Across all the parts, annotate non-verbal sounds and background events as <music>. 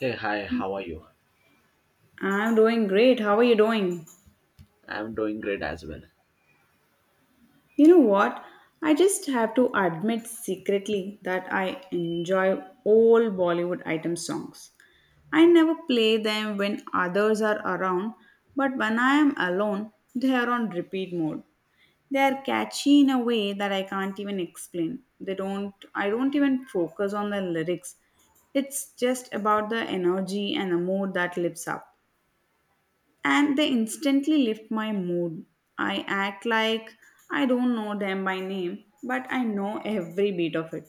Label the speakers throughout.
Speaker 1: Hey, hi, how are you?
Speaker 2: I'm doing great. How are you doing?
Speaker 1: I'm doing great as well.
Speaker 2: You know what? I just have to admit secretly that I enjoy all Bollywood item songs. I never play them when others are around, but when I am alone, they are on repeat mode. They are catchy in a way that I can't even explain. They don't I don't even focus on the lyrics. It's just about the energy and the mood that lifts up. And they instantly lift my mood. I act like I don't know them by name, but I know every beat of it.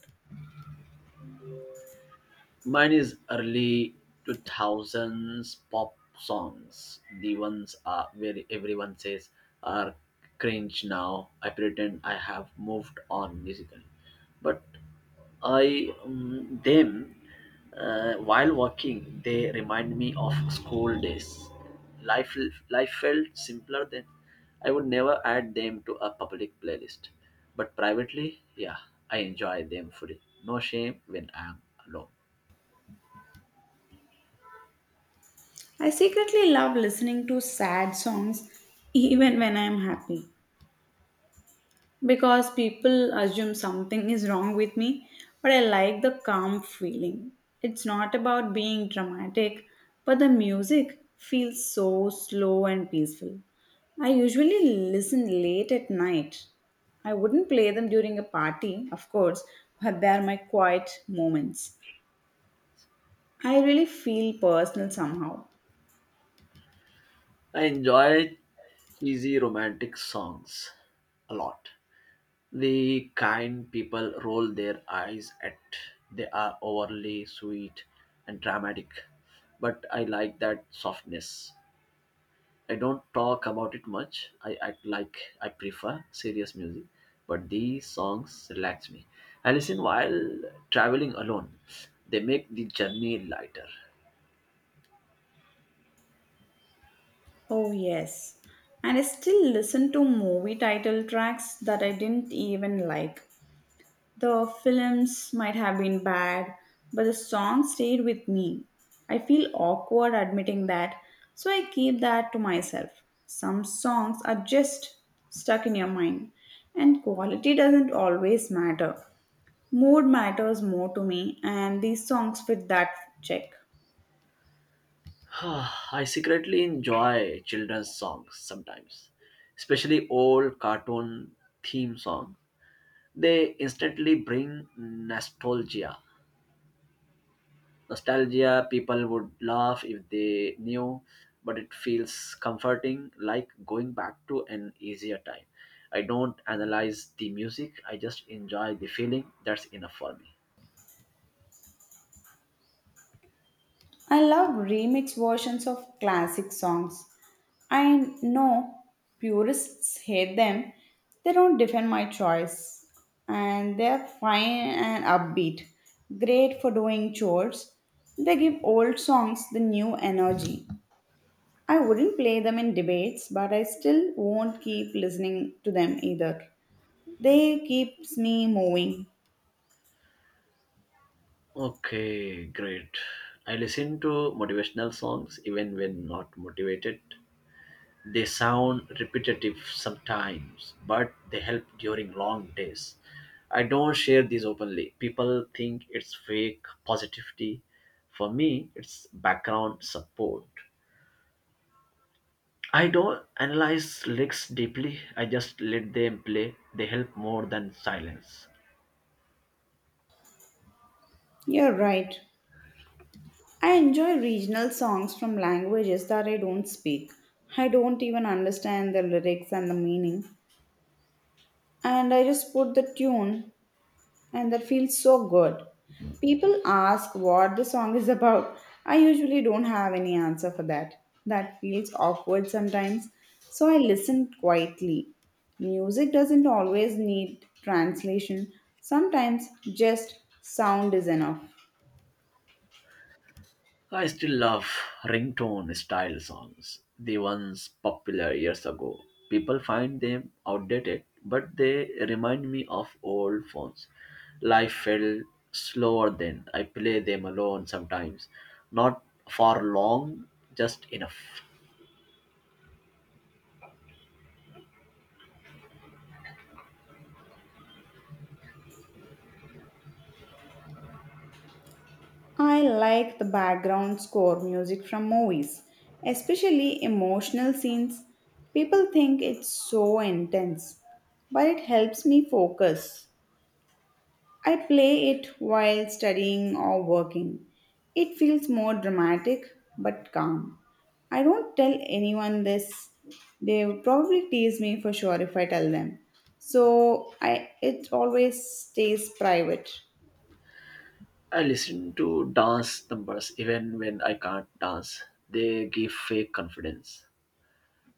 Speaker 1: Mine is early 2000s pop songs. The ones where everyone says are cringe now. I pretend I have moved on musically. But I them while walking, they remind me of school days. Life life felt simpler then. I would never add them to a public playlist, but privately, yeah, I enjoy them fully. No shame when I am alone.
Speaker 2: I secretly love listening to sad songs even when I'm happy, because people assume something is wrong with me, but I like the calm feeling. It's not about being dramatic, but the music feels so slow and peaceful. I usually listen late at night. I wouldn't play them during a party, of course, but they are my quiet moments. I really feel personal somehow.
Speaker 1: I enjoy cheesy romantic songs a lot. The kind people roll their eyes at they are overly sweet and dramatic. But I like that softness. I don't talk about it much. I act like I prefer serious music, but these songs relax me. I listen while traveling alone. They make the journey lighter.
Speaker 2: Oh, yes. And I still listen to movie title tracks that I didn't even like. The films might have been bad, but the song stayed with me. I feel awkward admitting that, so I keep that to myself. Some songs are just stuck in your mind, and quality doesn't always matter. Mood matters more to me, and these songs fit that check.
Speaker 1: <sighs> I secretly enjoy children's songs sometimes, especially old cartoon theme songs they instantly bring nostalgia. Nostalgia, people would laugh if they knew, but it feels comforting, like going back to an easier time. I don't analyze the music, I just enjoy the feeling. That's enough for me.
Speaker 2: I love remix versions of classic songs. I know purists hate them. They don't defend my choice. And they're fine and upbeat. Great for doing chores. They give old songs the new energy. I wouldn't play them in debates, but I still won't keep listening to them either. They keeps me moving.
Speaker 1: Okay, great. I listen to motivational songs even when not motivated. They sound repetitive sometimes, but they help during long days. I don't share these openly. People think it's fake positivity. For me, it's background support. I don't analyze lyrics deeply. I just let them play. They help more than silence.
Speaker 2: You're right. I enjoy regional songs from languages that I don't speak. I don't even understand the lyrics and the meaning, and I just put the tune, and that feels so good. People ask what the song is <laughs> about. I usually don't have any answer for that. That feels awkward sometimes, so I listen quietly. Music doesn't always need translation, sometimes just sound is enough.
Speaker 1: I still love ringtone style songs, the ones popular years ago. People find them outdated, but they remind me of old phones. Life felt slower then. I play them alone sometimes, not for long, just enough.
Speaker 2: I like the background score music from movies, especially emotional scenes. People think it's so intense, but it helps me focus. I play it while studying or working. It feels more dramatic but calm. I don't tell anyone this. They will probably tease me for sure if I tell them. So I it always stays private.
Speaker 1: I listen to dance numbers even when I can't dance. They give fake confidence.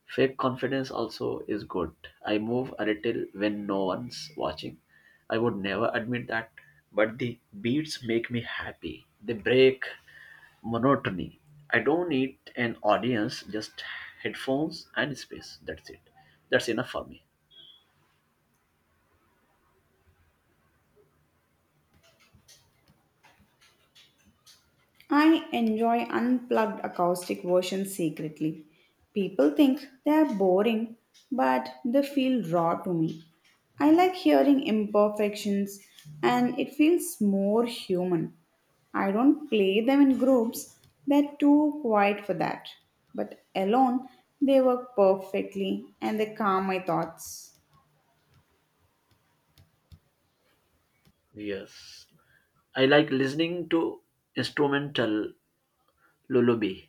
Speaker 1: Fake confidence also is good. I move a little when no one's watching. I would never admit that, but the beats make me happy. They break monotony. I don't need an audience, just headphones and space. That's it. That's enough for me.
Speaker 2: I enjoy unplugged acoustic versions secretly. People think they are boring, but they feel raw to me. I like hearing imperfections and it feels more human. I don't play them in groups, they're too quiet for that. But alone, they work perfectly and they calm my thoughts.
Speaker 1: Yes. I like listening to instrumental lullaby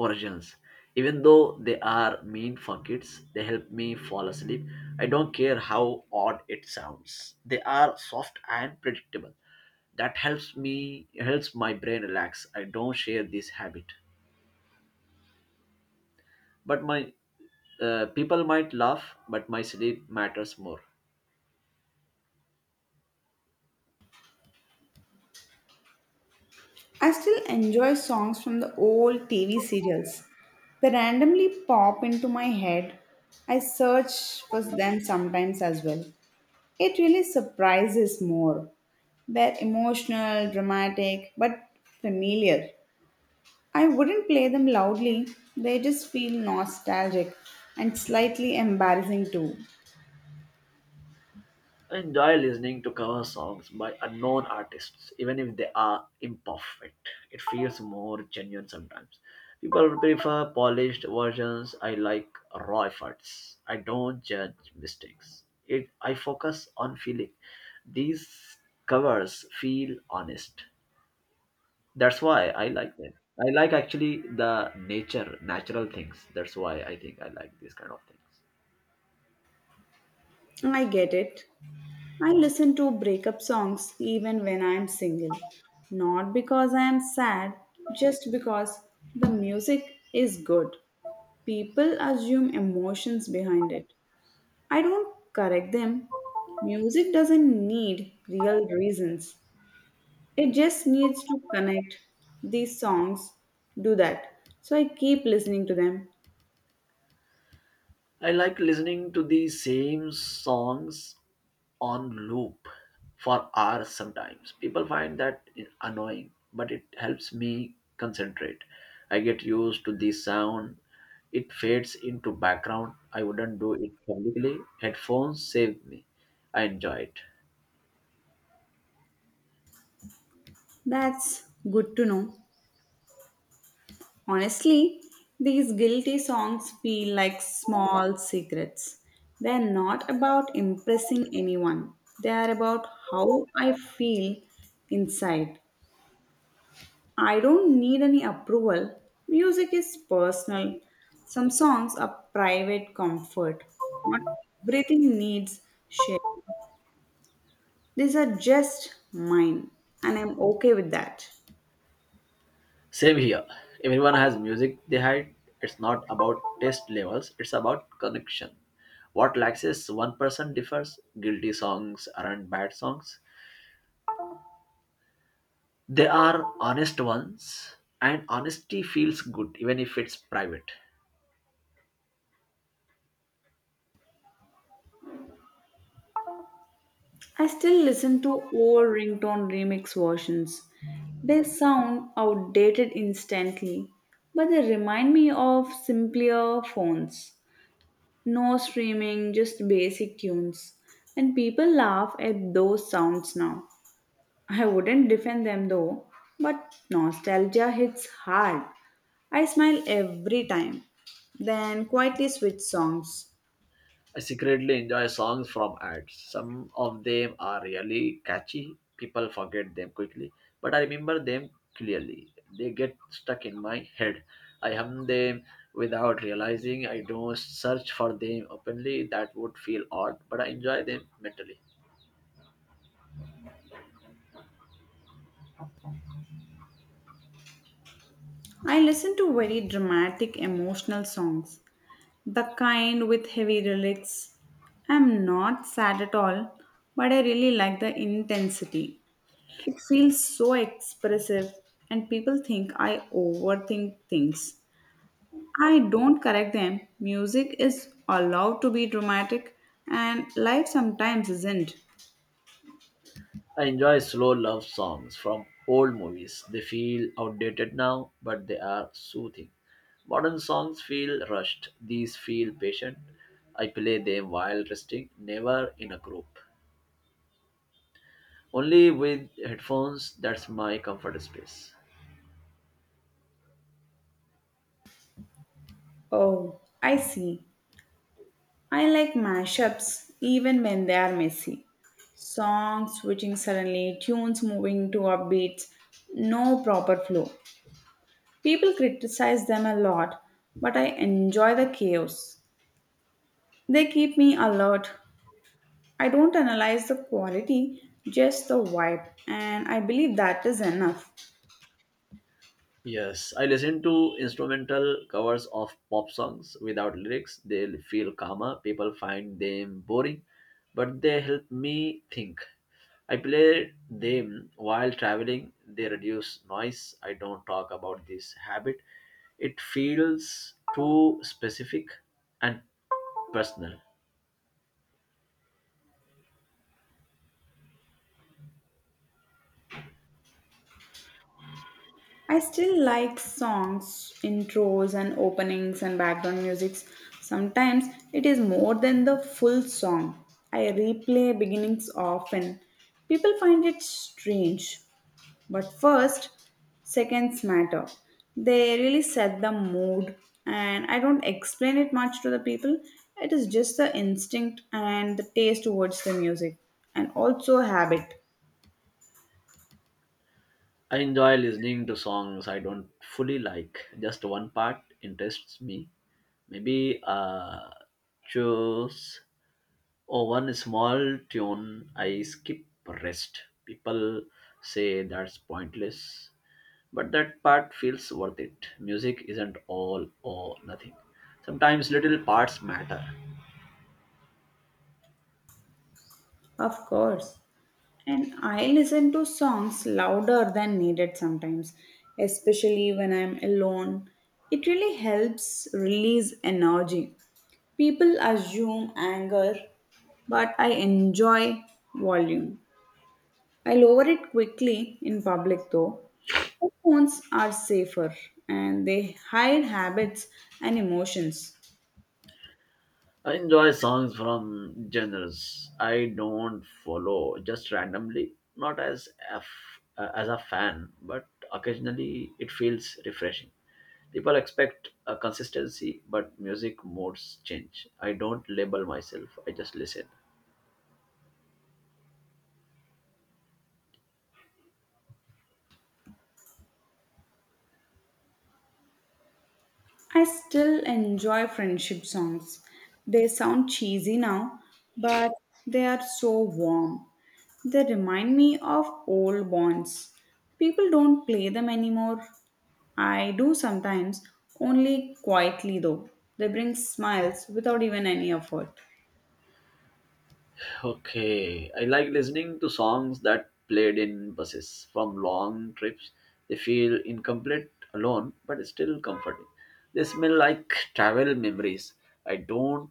Speaker 1: versions. Even though they are mean for kids, they help me fall asleep. I don't care how odd it sounds. They are soft and predictable. That helps me helps my brain relax. I don't share this habit. But my people might laugh, but my sleep matters more.
Speaker 2: I still enjoy songs from the old TV serials. They randomly pop into my head. I search for them sometimes as well. It really surprises more. They're emotional, dramatic, but familiar. I wouldn't play them loudly, they just feel nostalgic and slightly embarrassing too.
Speaker 1: Enjoy listening to cover songs by unknown artists, even if they are imperfect. It feels more genuine sometimes. People prefer polished versions. I like raw efforts. I don't judge mistakes. I focus on feeling. These covers feel honest. That's why I like them. I like actually natural things. That's why I think I like these kind of things.
Speaker 2: I get it. I listen to breakup songs even when I am single. Not because I am sad, just because the music is good. People assume emotions behind it. I don't correct them. Music doesn't need real reasons, it just needs to connect. These songs do that. So I keep listening to them.
Speaker 1: I like listening to the same songs on loop for hours sometimes. People find that annoying, but it helps me concentrate. I get used to the sound. It fades into background. I wouldn't do it publicly. Headphones save me. I enjoy it.
Speaker 2: That's good to know. Honestly, these guilty songs feel like small secrets. They're not about impressing anyone, they are about how I feel inside. I don't need any approval. Music is personal. Some songs are private comfort. Not everything needs share. These are just mine, and I'm okay with that.
Speaker 1: Same here. Everyone has music they hide. It's not about taste levels, it's about connection. What lacks is one person differs. Guilty songs aren't bad songs. They are honest ones, and honesty feels good even if it's private.
Speaker 2: I still listen to old ringtone remix versions. They sound outdated instantly, but they remind me of simpler phones. No streaming, just basic tunes. And people laugh at those sounds now. I wouldn't defend them though, but nostalgia hits hard. I smile every time, then quietly switch songs.
Speaker 1: I secretly enjoy songs from ads. Some of them are really catchy. People forget them quickly, but I remember them clearly. They get stuck in my head. I hum them without realizing. I don't search for them openly. That would feel odd, but I enjoy them mentally.
Speaker 2: I listen to very dramatic emotional songs. The kind with heavy relics. I'm not sad at all, but I really like the intensity. It feels so expressive, and people think I overthink things. I don't correct them. Music is allowed to be dramatic, and life sometimes isn't.
Speaker 1: I enjoy slow love songs from old movies. They feel outdated now, but they are soothing. Modern songs feel rushed, these feel patient. I play them while resting, never in a group. Only with headphones, that's my comfort space.
Speaker 2: Oh, I see. I like mashups even when they are messy. Songs switching suddenly, tunes moving to upbeats, no proper flow. People criticize them a lot, but I enjoy the chaos. They keep me alert. I don't analyze the quality, just the vibe, and I believe that is enough.
Speaker 1: Yes, I listen to instrumental covers of pop songs without lyrics. They feel calmer. People find them boring, but they help me think. I play them while traveling. They reduce noise. I don't talk about this habit. It feels too specific and personal.
Speaker 2: I still like songs, intros, and openings and background musics. Sometimes it is more than the full song. I replay beginnings often. People find it strange, but first, seconds matter. They really set the mood, and I don't explain it much to the people. It is just the instinct and the taste towards the music, and also habit,
Speaker 1: I enjoy listening to songs I don't fully like. Just one part interests me. Maybe uh choose Oh, one small tune I skip rest. People say that's pointless, but that part feels worth it. Music isn't all or nothing. Sometimes little parts matter.
Speaker 2: of course. And I listen to songs louder than needed sometimes, especially when I'm alone. It really helps release energy. People assume anger, but I enjoy volume. I lower it quickly in public though. Headphones are safer and they hide habits and emotions.
Speaker 1: I enjoy songs from genres I don't follow just randomly, not as a f- as a fan, but occasionally it feels refreshing. People expect a consistency, but music modes change. I don't label myself, I just listen.
Speaker 2: I still enjoy friendship songs. They sound cheesy now, but they are so warm. They remind me of old bonds. People don't play them anymore. I do sometimes, only quietly though. They bring smiles without even any effort.
Speaker 1: Okay, I like listening to songs that played in buses from long trips. They feel incomplete alone, but still comforting. They smell like travel memories. I don't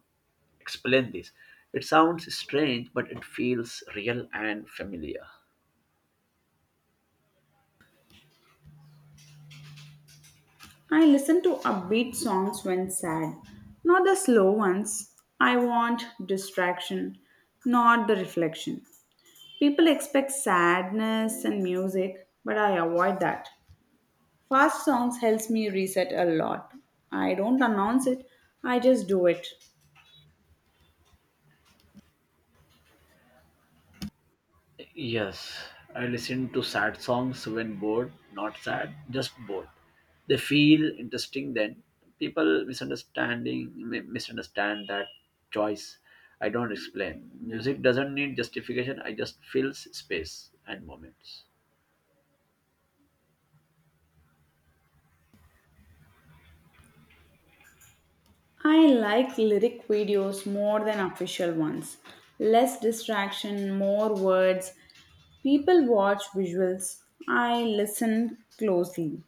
Speaker 1: explain this. It sounds strange, but it feels real and familiar.
Speaker 2: I listen to upbeat songs when sad, not the slow ones. I want distraction, not the reflection. People expect sadness and music, but I avoid that. Fast songs helps me reset a lot. I don't announce it, I just do it.
Speaker 1: Yes, I listen to sad songs when bored, not sad, just bored. They feel interesting then. People misunderstand that choice. I don't explain. Music doesn't need justification. I just fills space and moments.
Speaker 2: I like lyric videos more than official ones. Less distraction, more words. People watch visuals. I listen closely.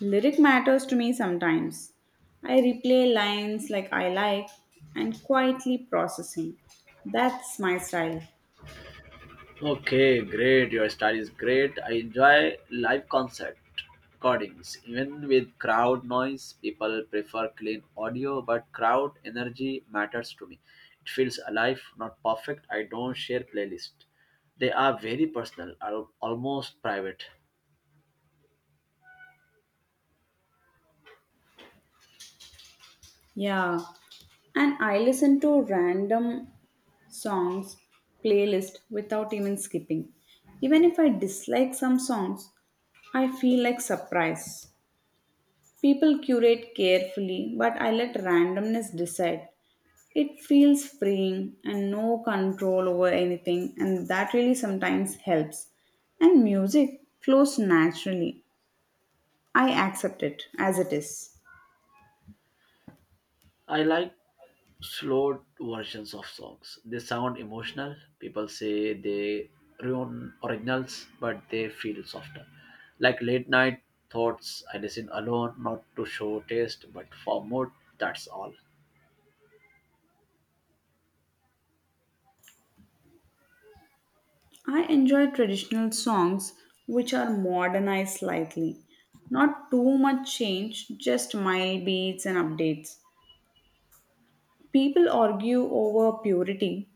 Speaker 2: Lyric matters to me sometimes. I replay lines like I like and quietly processing. That's my style.
Speaker 1: Okay, great. Your style is great. I enjoy live concert recordings. Even with crowd noise, people prefer clean audio, but crowd energy matters to me. It feels alive, not perfect. I don't share playlist. They are very personal, are almost private.
Speaker 2: Yeah, and I listen to random songs playlist without even skipping. Even if I dislike some songs, I feel like surprise. People curate carefully, but I let randomness decide. It feels freeing and no control over anything, and that really sometimes helps. And music flows naturally. I accept it as it is.
Speaker 1: I like slow versions of songs. They sound emotional. People say they ruin originals, but they feel softer. Like late night thoughts, I listen alone, not to show taste, but for mood. That's all.
Speaker 2: I enjoy traditional songs which are modernized slightly. Not too much change, just mild beats and updates. People argue over purity.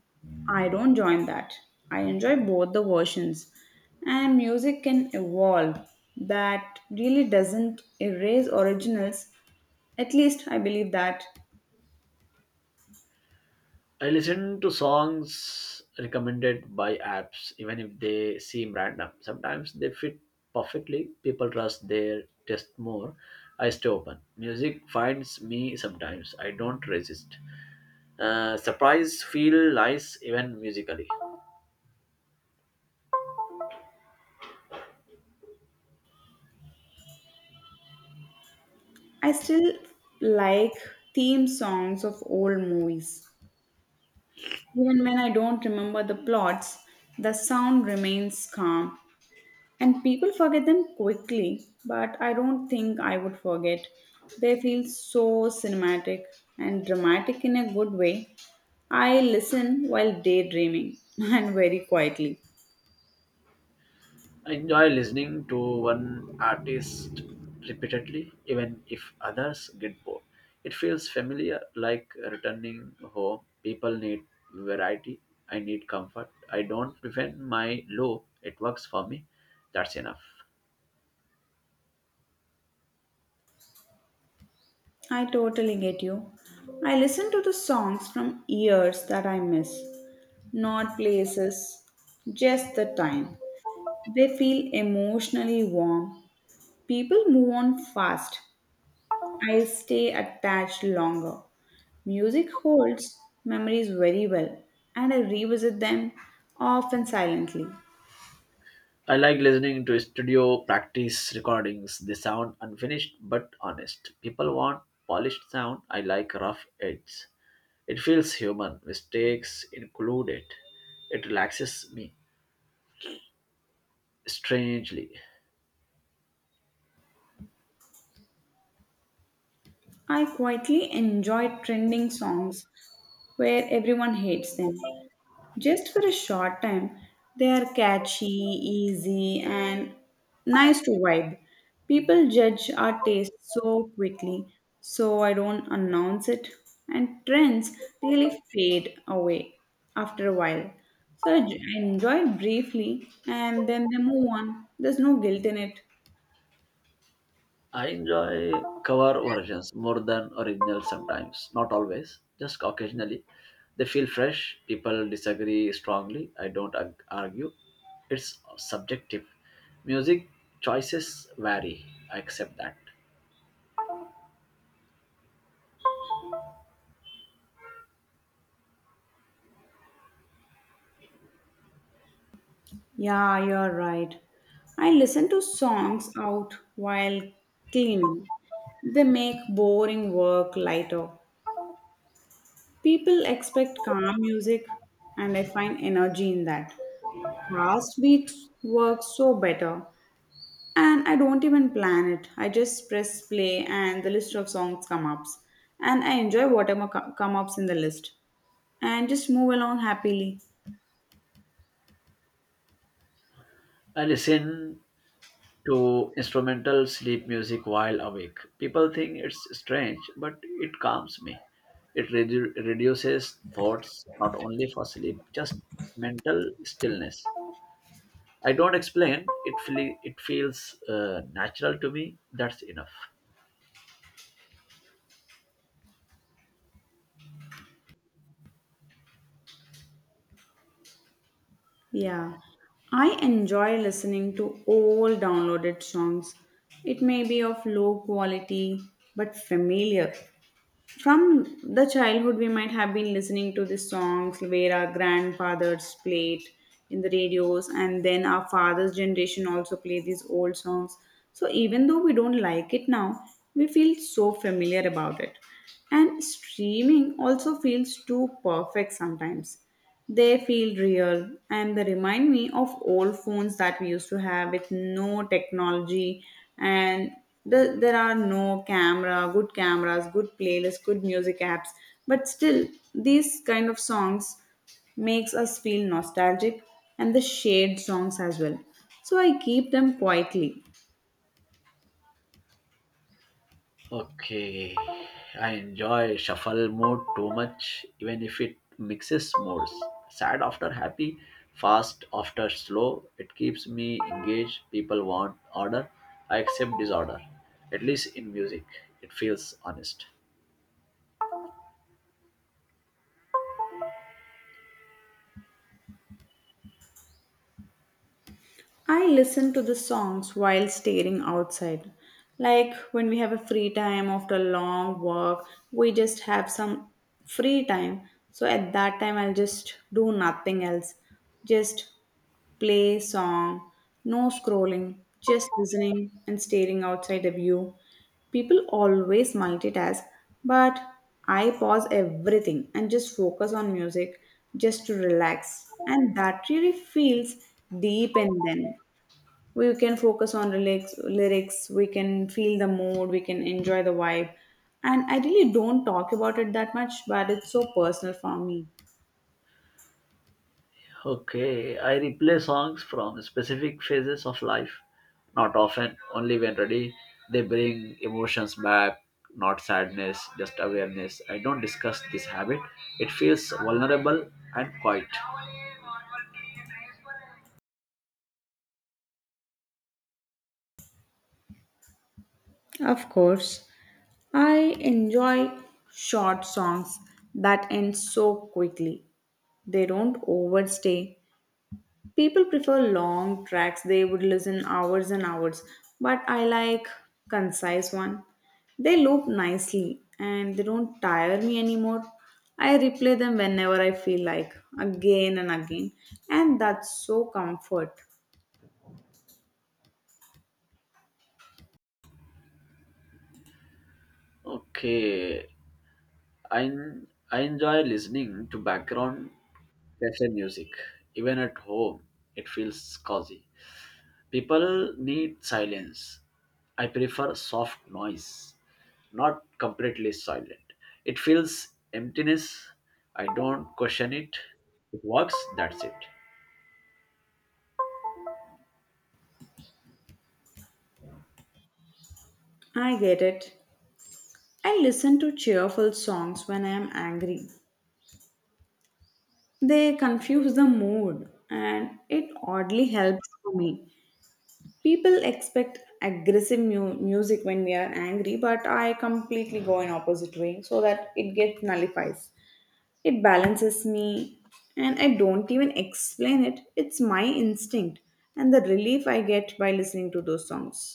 Speaker 2: I don't join that. I enjoy both the versions. And music can evolve. That really doesn't erase originals. At least I believe that.
Speaker 1: I listen to songs recommended by apps, even if they seem random. Sometimes they fit perfectly. People trust their taste more. I stay open. Music finds me sometimes. I don't resist. Surprise feel nice even musically.
Speaker 2: I still like theme songs of old movies. Even when I don't remember the plots, the sound remains calm. And people forget them quickly, but I don't think I would forget. They feel so cinematic and dramatic in a good way. I listen while daydreaming <laughs> and very quietly.
Speaker 1: I enjoy listening to one artist repeatedly, even if others get bored. It feels familiar, like returning home. People need variety. I need comfort. I don't prevent my low. It works for me. That's enough.
Speaker 2: I totally get you. I listen to the songs from years that I miss, not places, just the time. They feel emotionally warm. People move on fast, I stay attached longer. Music holds memories very well, and I revisit them often silently.
Speaker 1: I like listening to studio practice recordings. They sound unfinished but honest. People want polished sound. I like rough edges. It feels human, mistakes included. It relaxes me. Strangely,
Speaker 2: I quietly enjoy trending songs where everyone hates them, just for a short time. They are catchy, easy, and nice to vibe. People judge our taste so quickly, so I don't announce it. And trends really fade away after a while. So I enjoy it briefly and then they move on. There's no guilt in it.
Speaker 1: I enjoy cover versions more than original sometimes. Not always, just occasionally. They feel fresh. People disagree strongly. I don't argue. It's subjective. Music choices vary. I accept that.
Speaker 2: Yeah, you're right. I listen to songs out while cleaning. They make boring work lighter. People expect calm music, and I find energy in that. Fast beats work so better, and I don't even plan it. I just press play, and the list of songs come ups, and I enjoy whatever come ups in the list, and just move along happily.
Speaker 1: I listen to instrumental sleep music while awake. People think it's strange, but it calms me. It reduces thoughts not only for sleep, just mental stillness. I don't explain. It feels natural to me. That's enough.
Speaker 2: Yeah, I enjoy listening to old downloaded songs. It may be of low quality but familiar. From the childhood we might have been listening to the songs where our grandfathers played in the radios and then our father's generation also play these old songs, so even though we don't like it now, we feel so familiar about it, and streaming also feels too perfect sometimes. They feel real and they remind me of old phones that we used to have with no technology, and there are no camera, good cameras, good playlists, good music apps. But still, these kind of songs makes us feel nostalgic and the shared songs as well. So I keep them quietly.
Speaker 1: Okay, I enjoy shuffle mode too much, even if it mixes modes. Sad after happy, fast after slow. It keeps me engaged. People want order. I accept disorder, at least in music. It feels honest.
Speaker 2: I listen to the songs while staring outside. Like when we have a free time after a long walk, we just have some free time. So at that time, I'll just do nothing else. Just play song, no scrolling, just listening and staring outside the view. People always multitask, but I pause everything and just focus on music just to relax. And that really feels deep in them, we can focus on the lyrics, we can feel the mood, we can enjoy the vibe, and I really don't talk about it that much, but it's so personal for me.
Speaker 1: Okay, I replay songs from specific phases of life. Not often, only when ready. They bring emotions back, not sadness, just awareness. I don't discuss this habit. It feels vulnerable and quiet.
Speaker 2: Of course, I enjoy short songs that end so quickly, they don't overstay. People prefer long tracks, they would listen hours and hours, but I like concise one. They loop nicely and they don't tire me anymore. I replay them whenever I feel like, again and again, and that's so comfort.
Speaker 1: Okay, I, I enjoy listening to background cafe music. Even at home, it feels cozy. People need silence. I prefer soft noise, not completely silent. It feels emptiness. I don't question it. It works, that's it.
Speaker 2: I get it. I listen to cheerful songs when I am angry. They confuse the mood and it oddly helps for me. People expect aggressive music when we are angry, but I completely go in opposite way so that it gets nullifies. It balances me, and I don't even explain it, it's my instinct, and the relief I get by listening to those songs.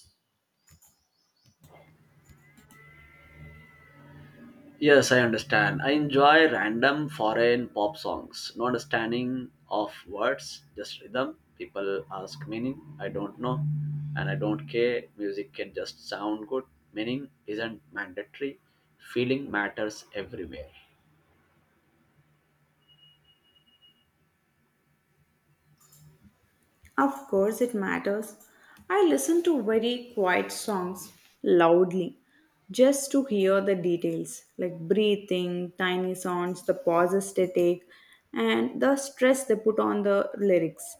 Speaker 1: Yes, I understand. I enjoy random foreign pop songs. No understanding of words, just rhythm. People ask meaning. I don't know. And I don't care. Music can just sound good. Meaning isn't mandatory. Feeling matters everywhere.
Speaker 2: Of course, it matters. I listen to very quiet songs loudly just to hear the details like breathing, tiny sounds, the pauses they take, and the stress they put on the lyrics.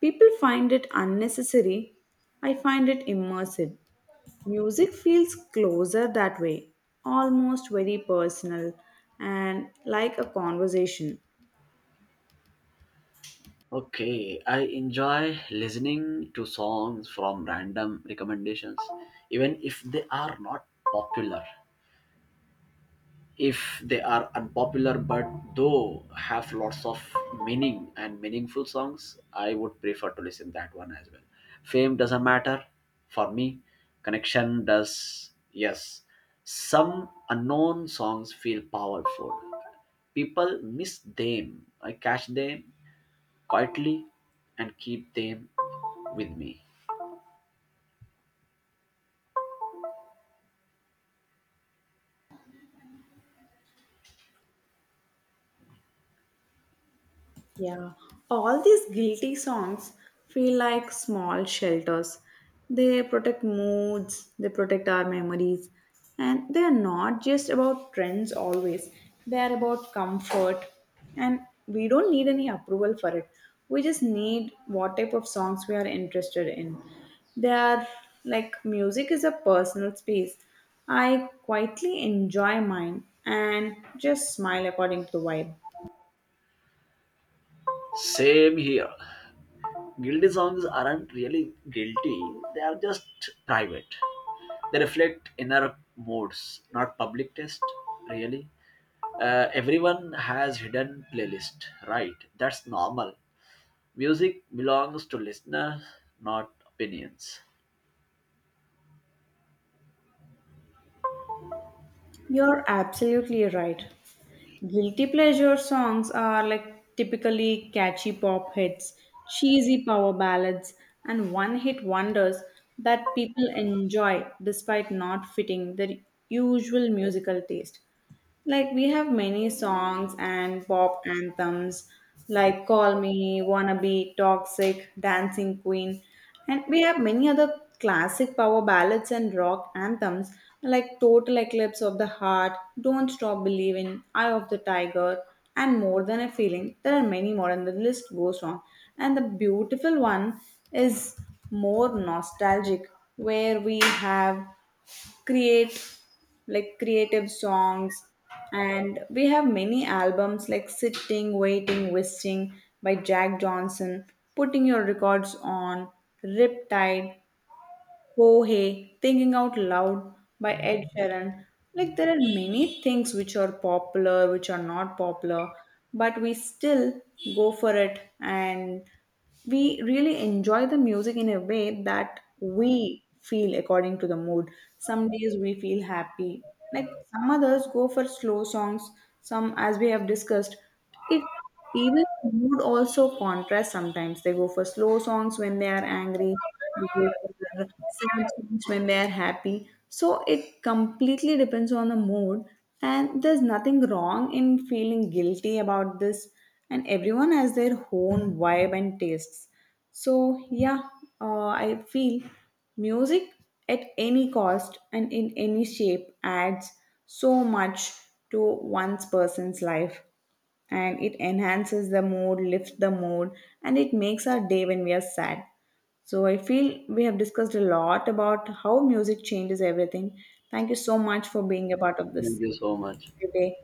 Speaker 2: People find it unnecessary. I find it immersive. Music feels closer that way, almost very personal and like a conversation.
Speaker 1: Okay, I enjoy listening to songs from random recommendations, even if they are not popular. If they are unpopular, but though have lots of meaning and meaningful songs, I would prefer to listen that one as well. Fame doesn't matter for me. Connection does. Yes, some unknown songs feel powerful. People miss them. I catch them quietly and keep them with me.
Speaker 2: Yeah, all these guilty songs feel like small shelters. They protect moods, they protect our memories, and they are not just about trends always. They are about comfort, and we don't need any approval for it. We just need what type of songs we are interested in. They are like music is a personal space. I quietly enjoy mine and just smile according to the vibe.
Speaker 1: Same here. Guilty songs aren't really guilty, they are just private. They reflect inner moods, not public taste, really. Everyone has hidden playlist, right? That's normal. Music belongs to listeners, not opinions.
Speaker 2: You're absolutely right. Guilty pleasure songs are like typically catchy pop hits, cheesy power ballads, and one hit wonders that people enjoy despite not fitting their usual musical taste. Like we have many songs and pop anthems like Call Me, Wanna Be, Toxic, Dancing Queen, and we have many other classic power ballads and rock anthems like Total Eclipse of the Heart, Don't Stop Believing, Eye of the Tiger, and More Than a Feeling. There are many more, and the list goes on. And the beautiful one is more nostalgic, where we have create like creative songs, and we have many albums like Sitting Waiting Wishing by Jack Johnson, Putting Your Records On, Riptide, oh hey, Thinking Out Loud by Ed Sheeran. Like there are many things which are popular, which are not popular, but we still go for it, and we really enjoy the music in a way that we feel according to the mood. Some days we feel happy. Like some others go for slow songs, some, as we have discussed, it even mood also contrasts sometimes. They go for slow songs when they are angry, they go for sad songs when they are happy. So it completely depends on the mood, and there's nothing wrong in feeling guilty about this, and everyone has their own vibe and tastes. So, yeah, I feel music at any cost and in any shape adds so much to one's person's life, and it enhances the mood, lifts the mood, and it makes our day when we are sad. So, I feel we have discussed a lot about how music changes everything. Thank you so much for being a part of
Speaker 1: Thank
Speaker 2: this
Speaker 1: you so much.
Speaker 2: today.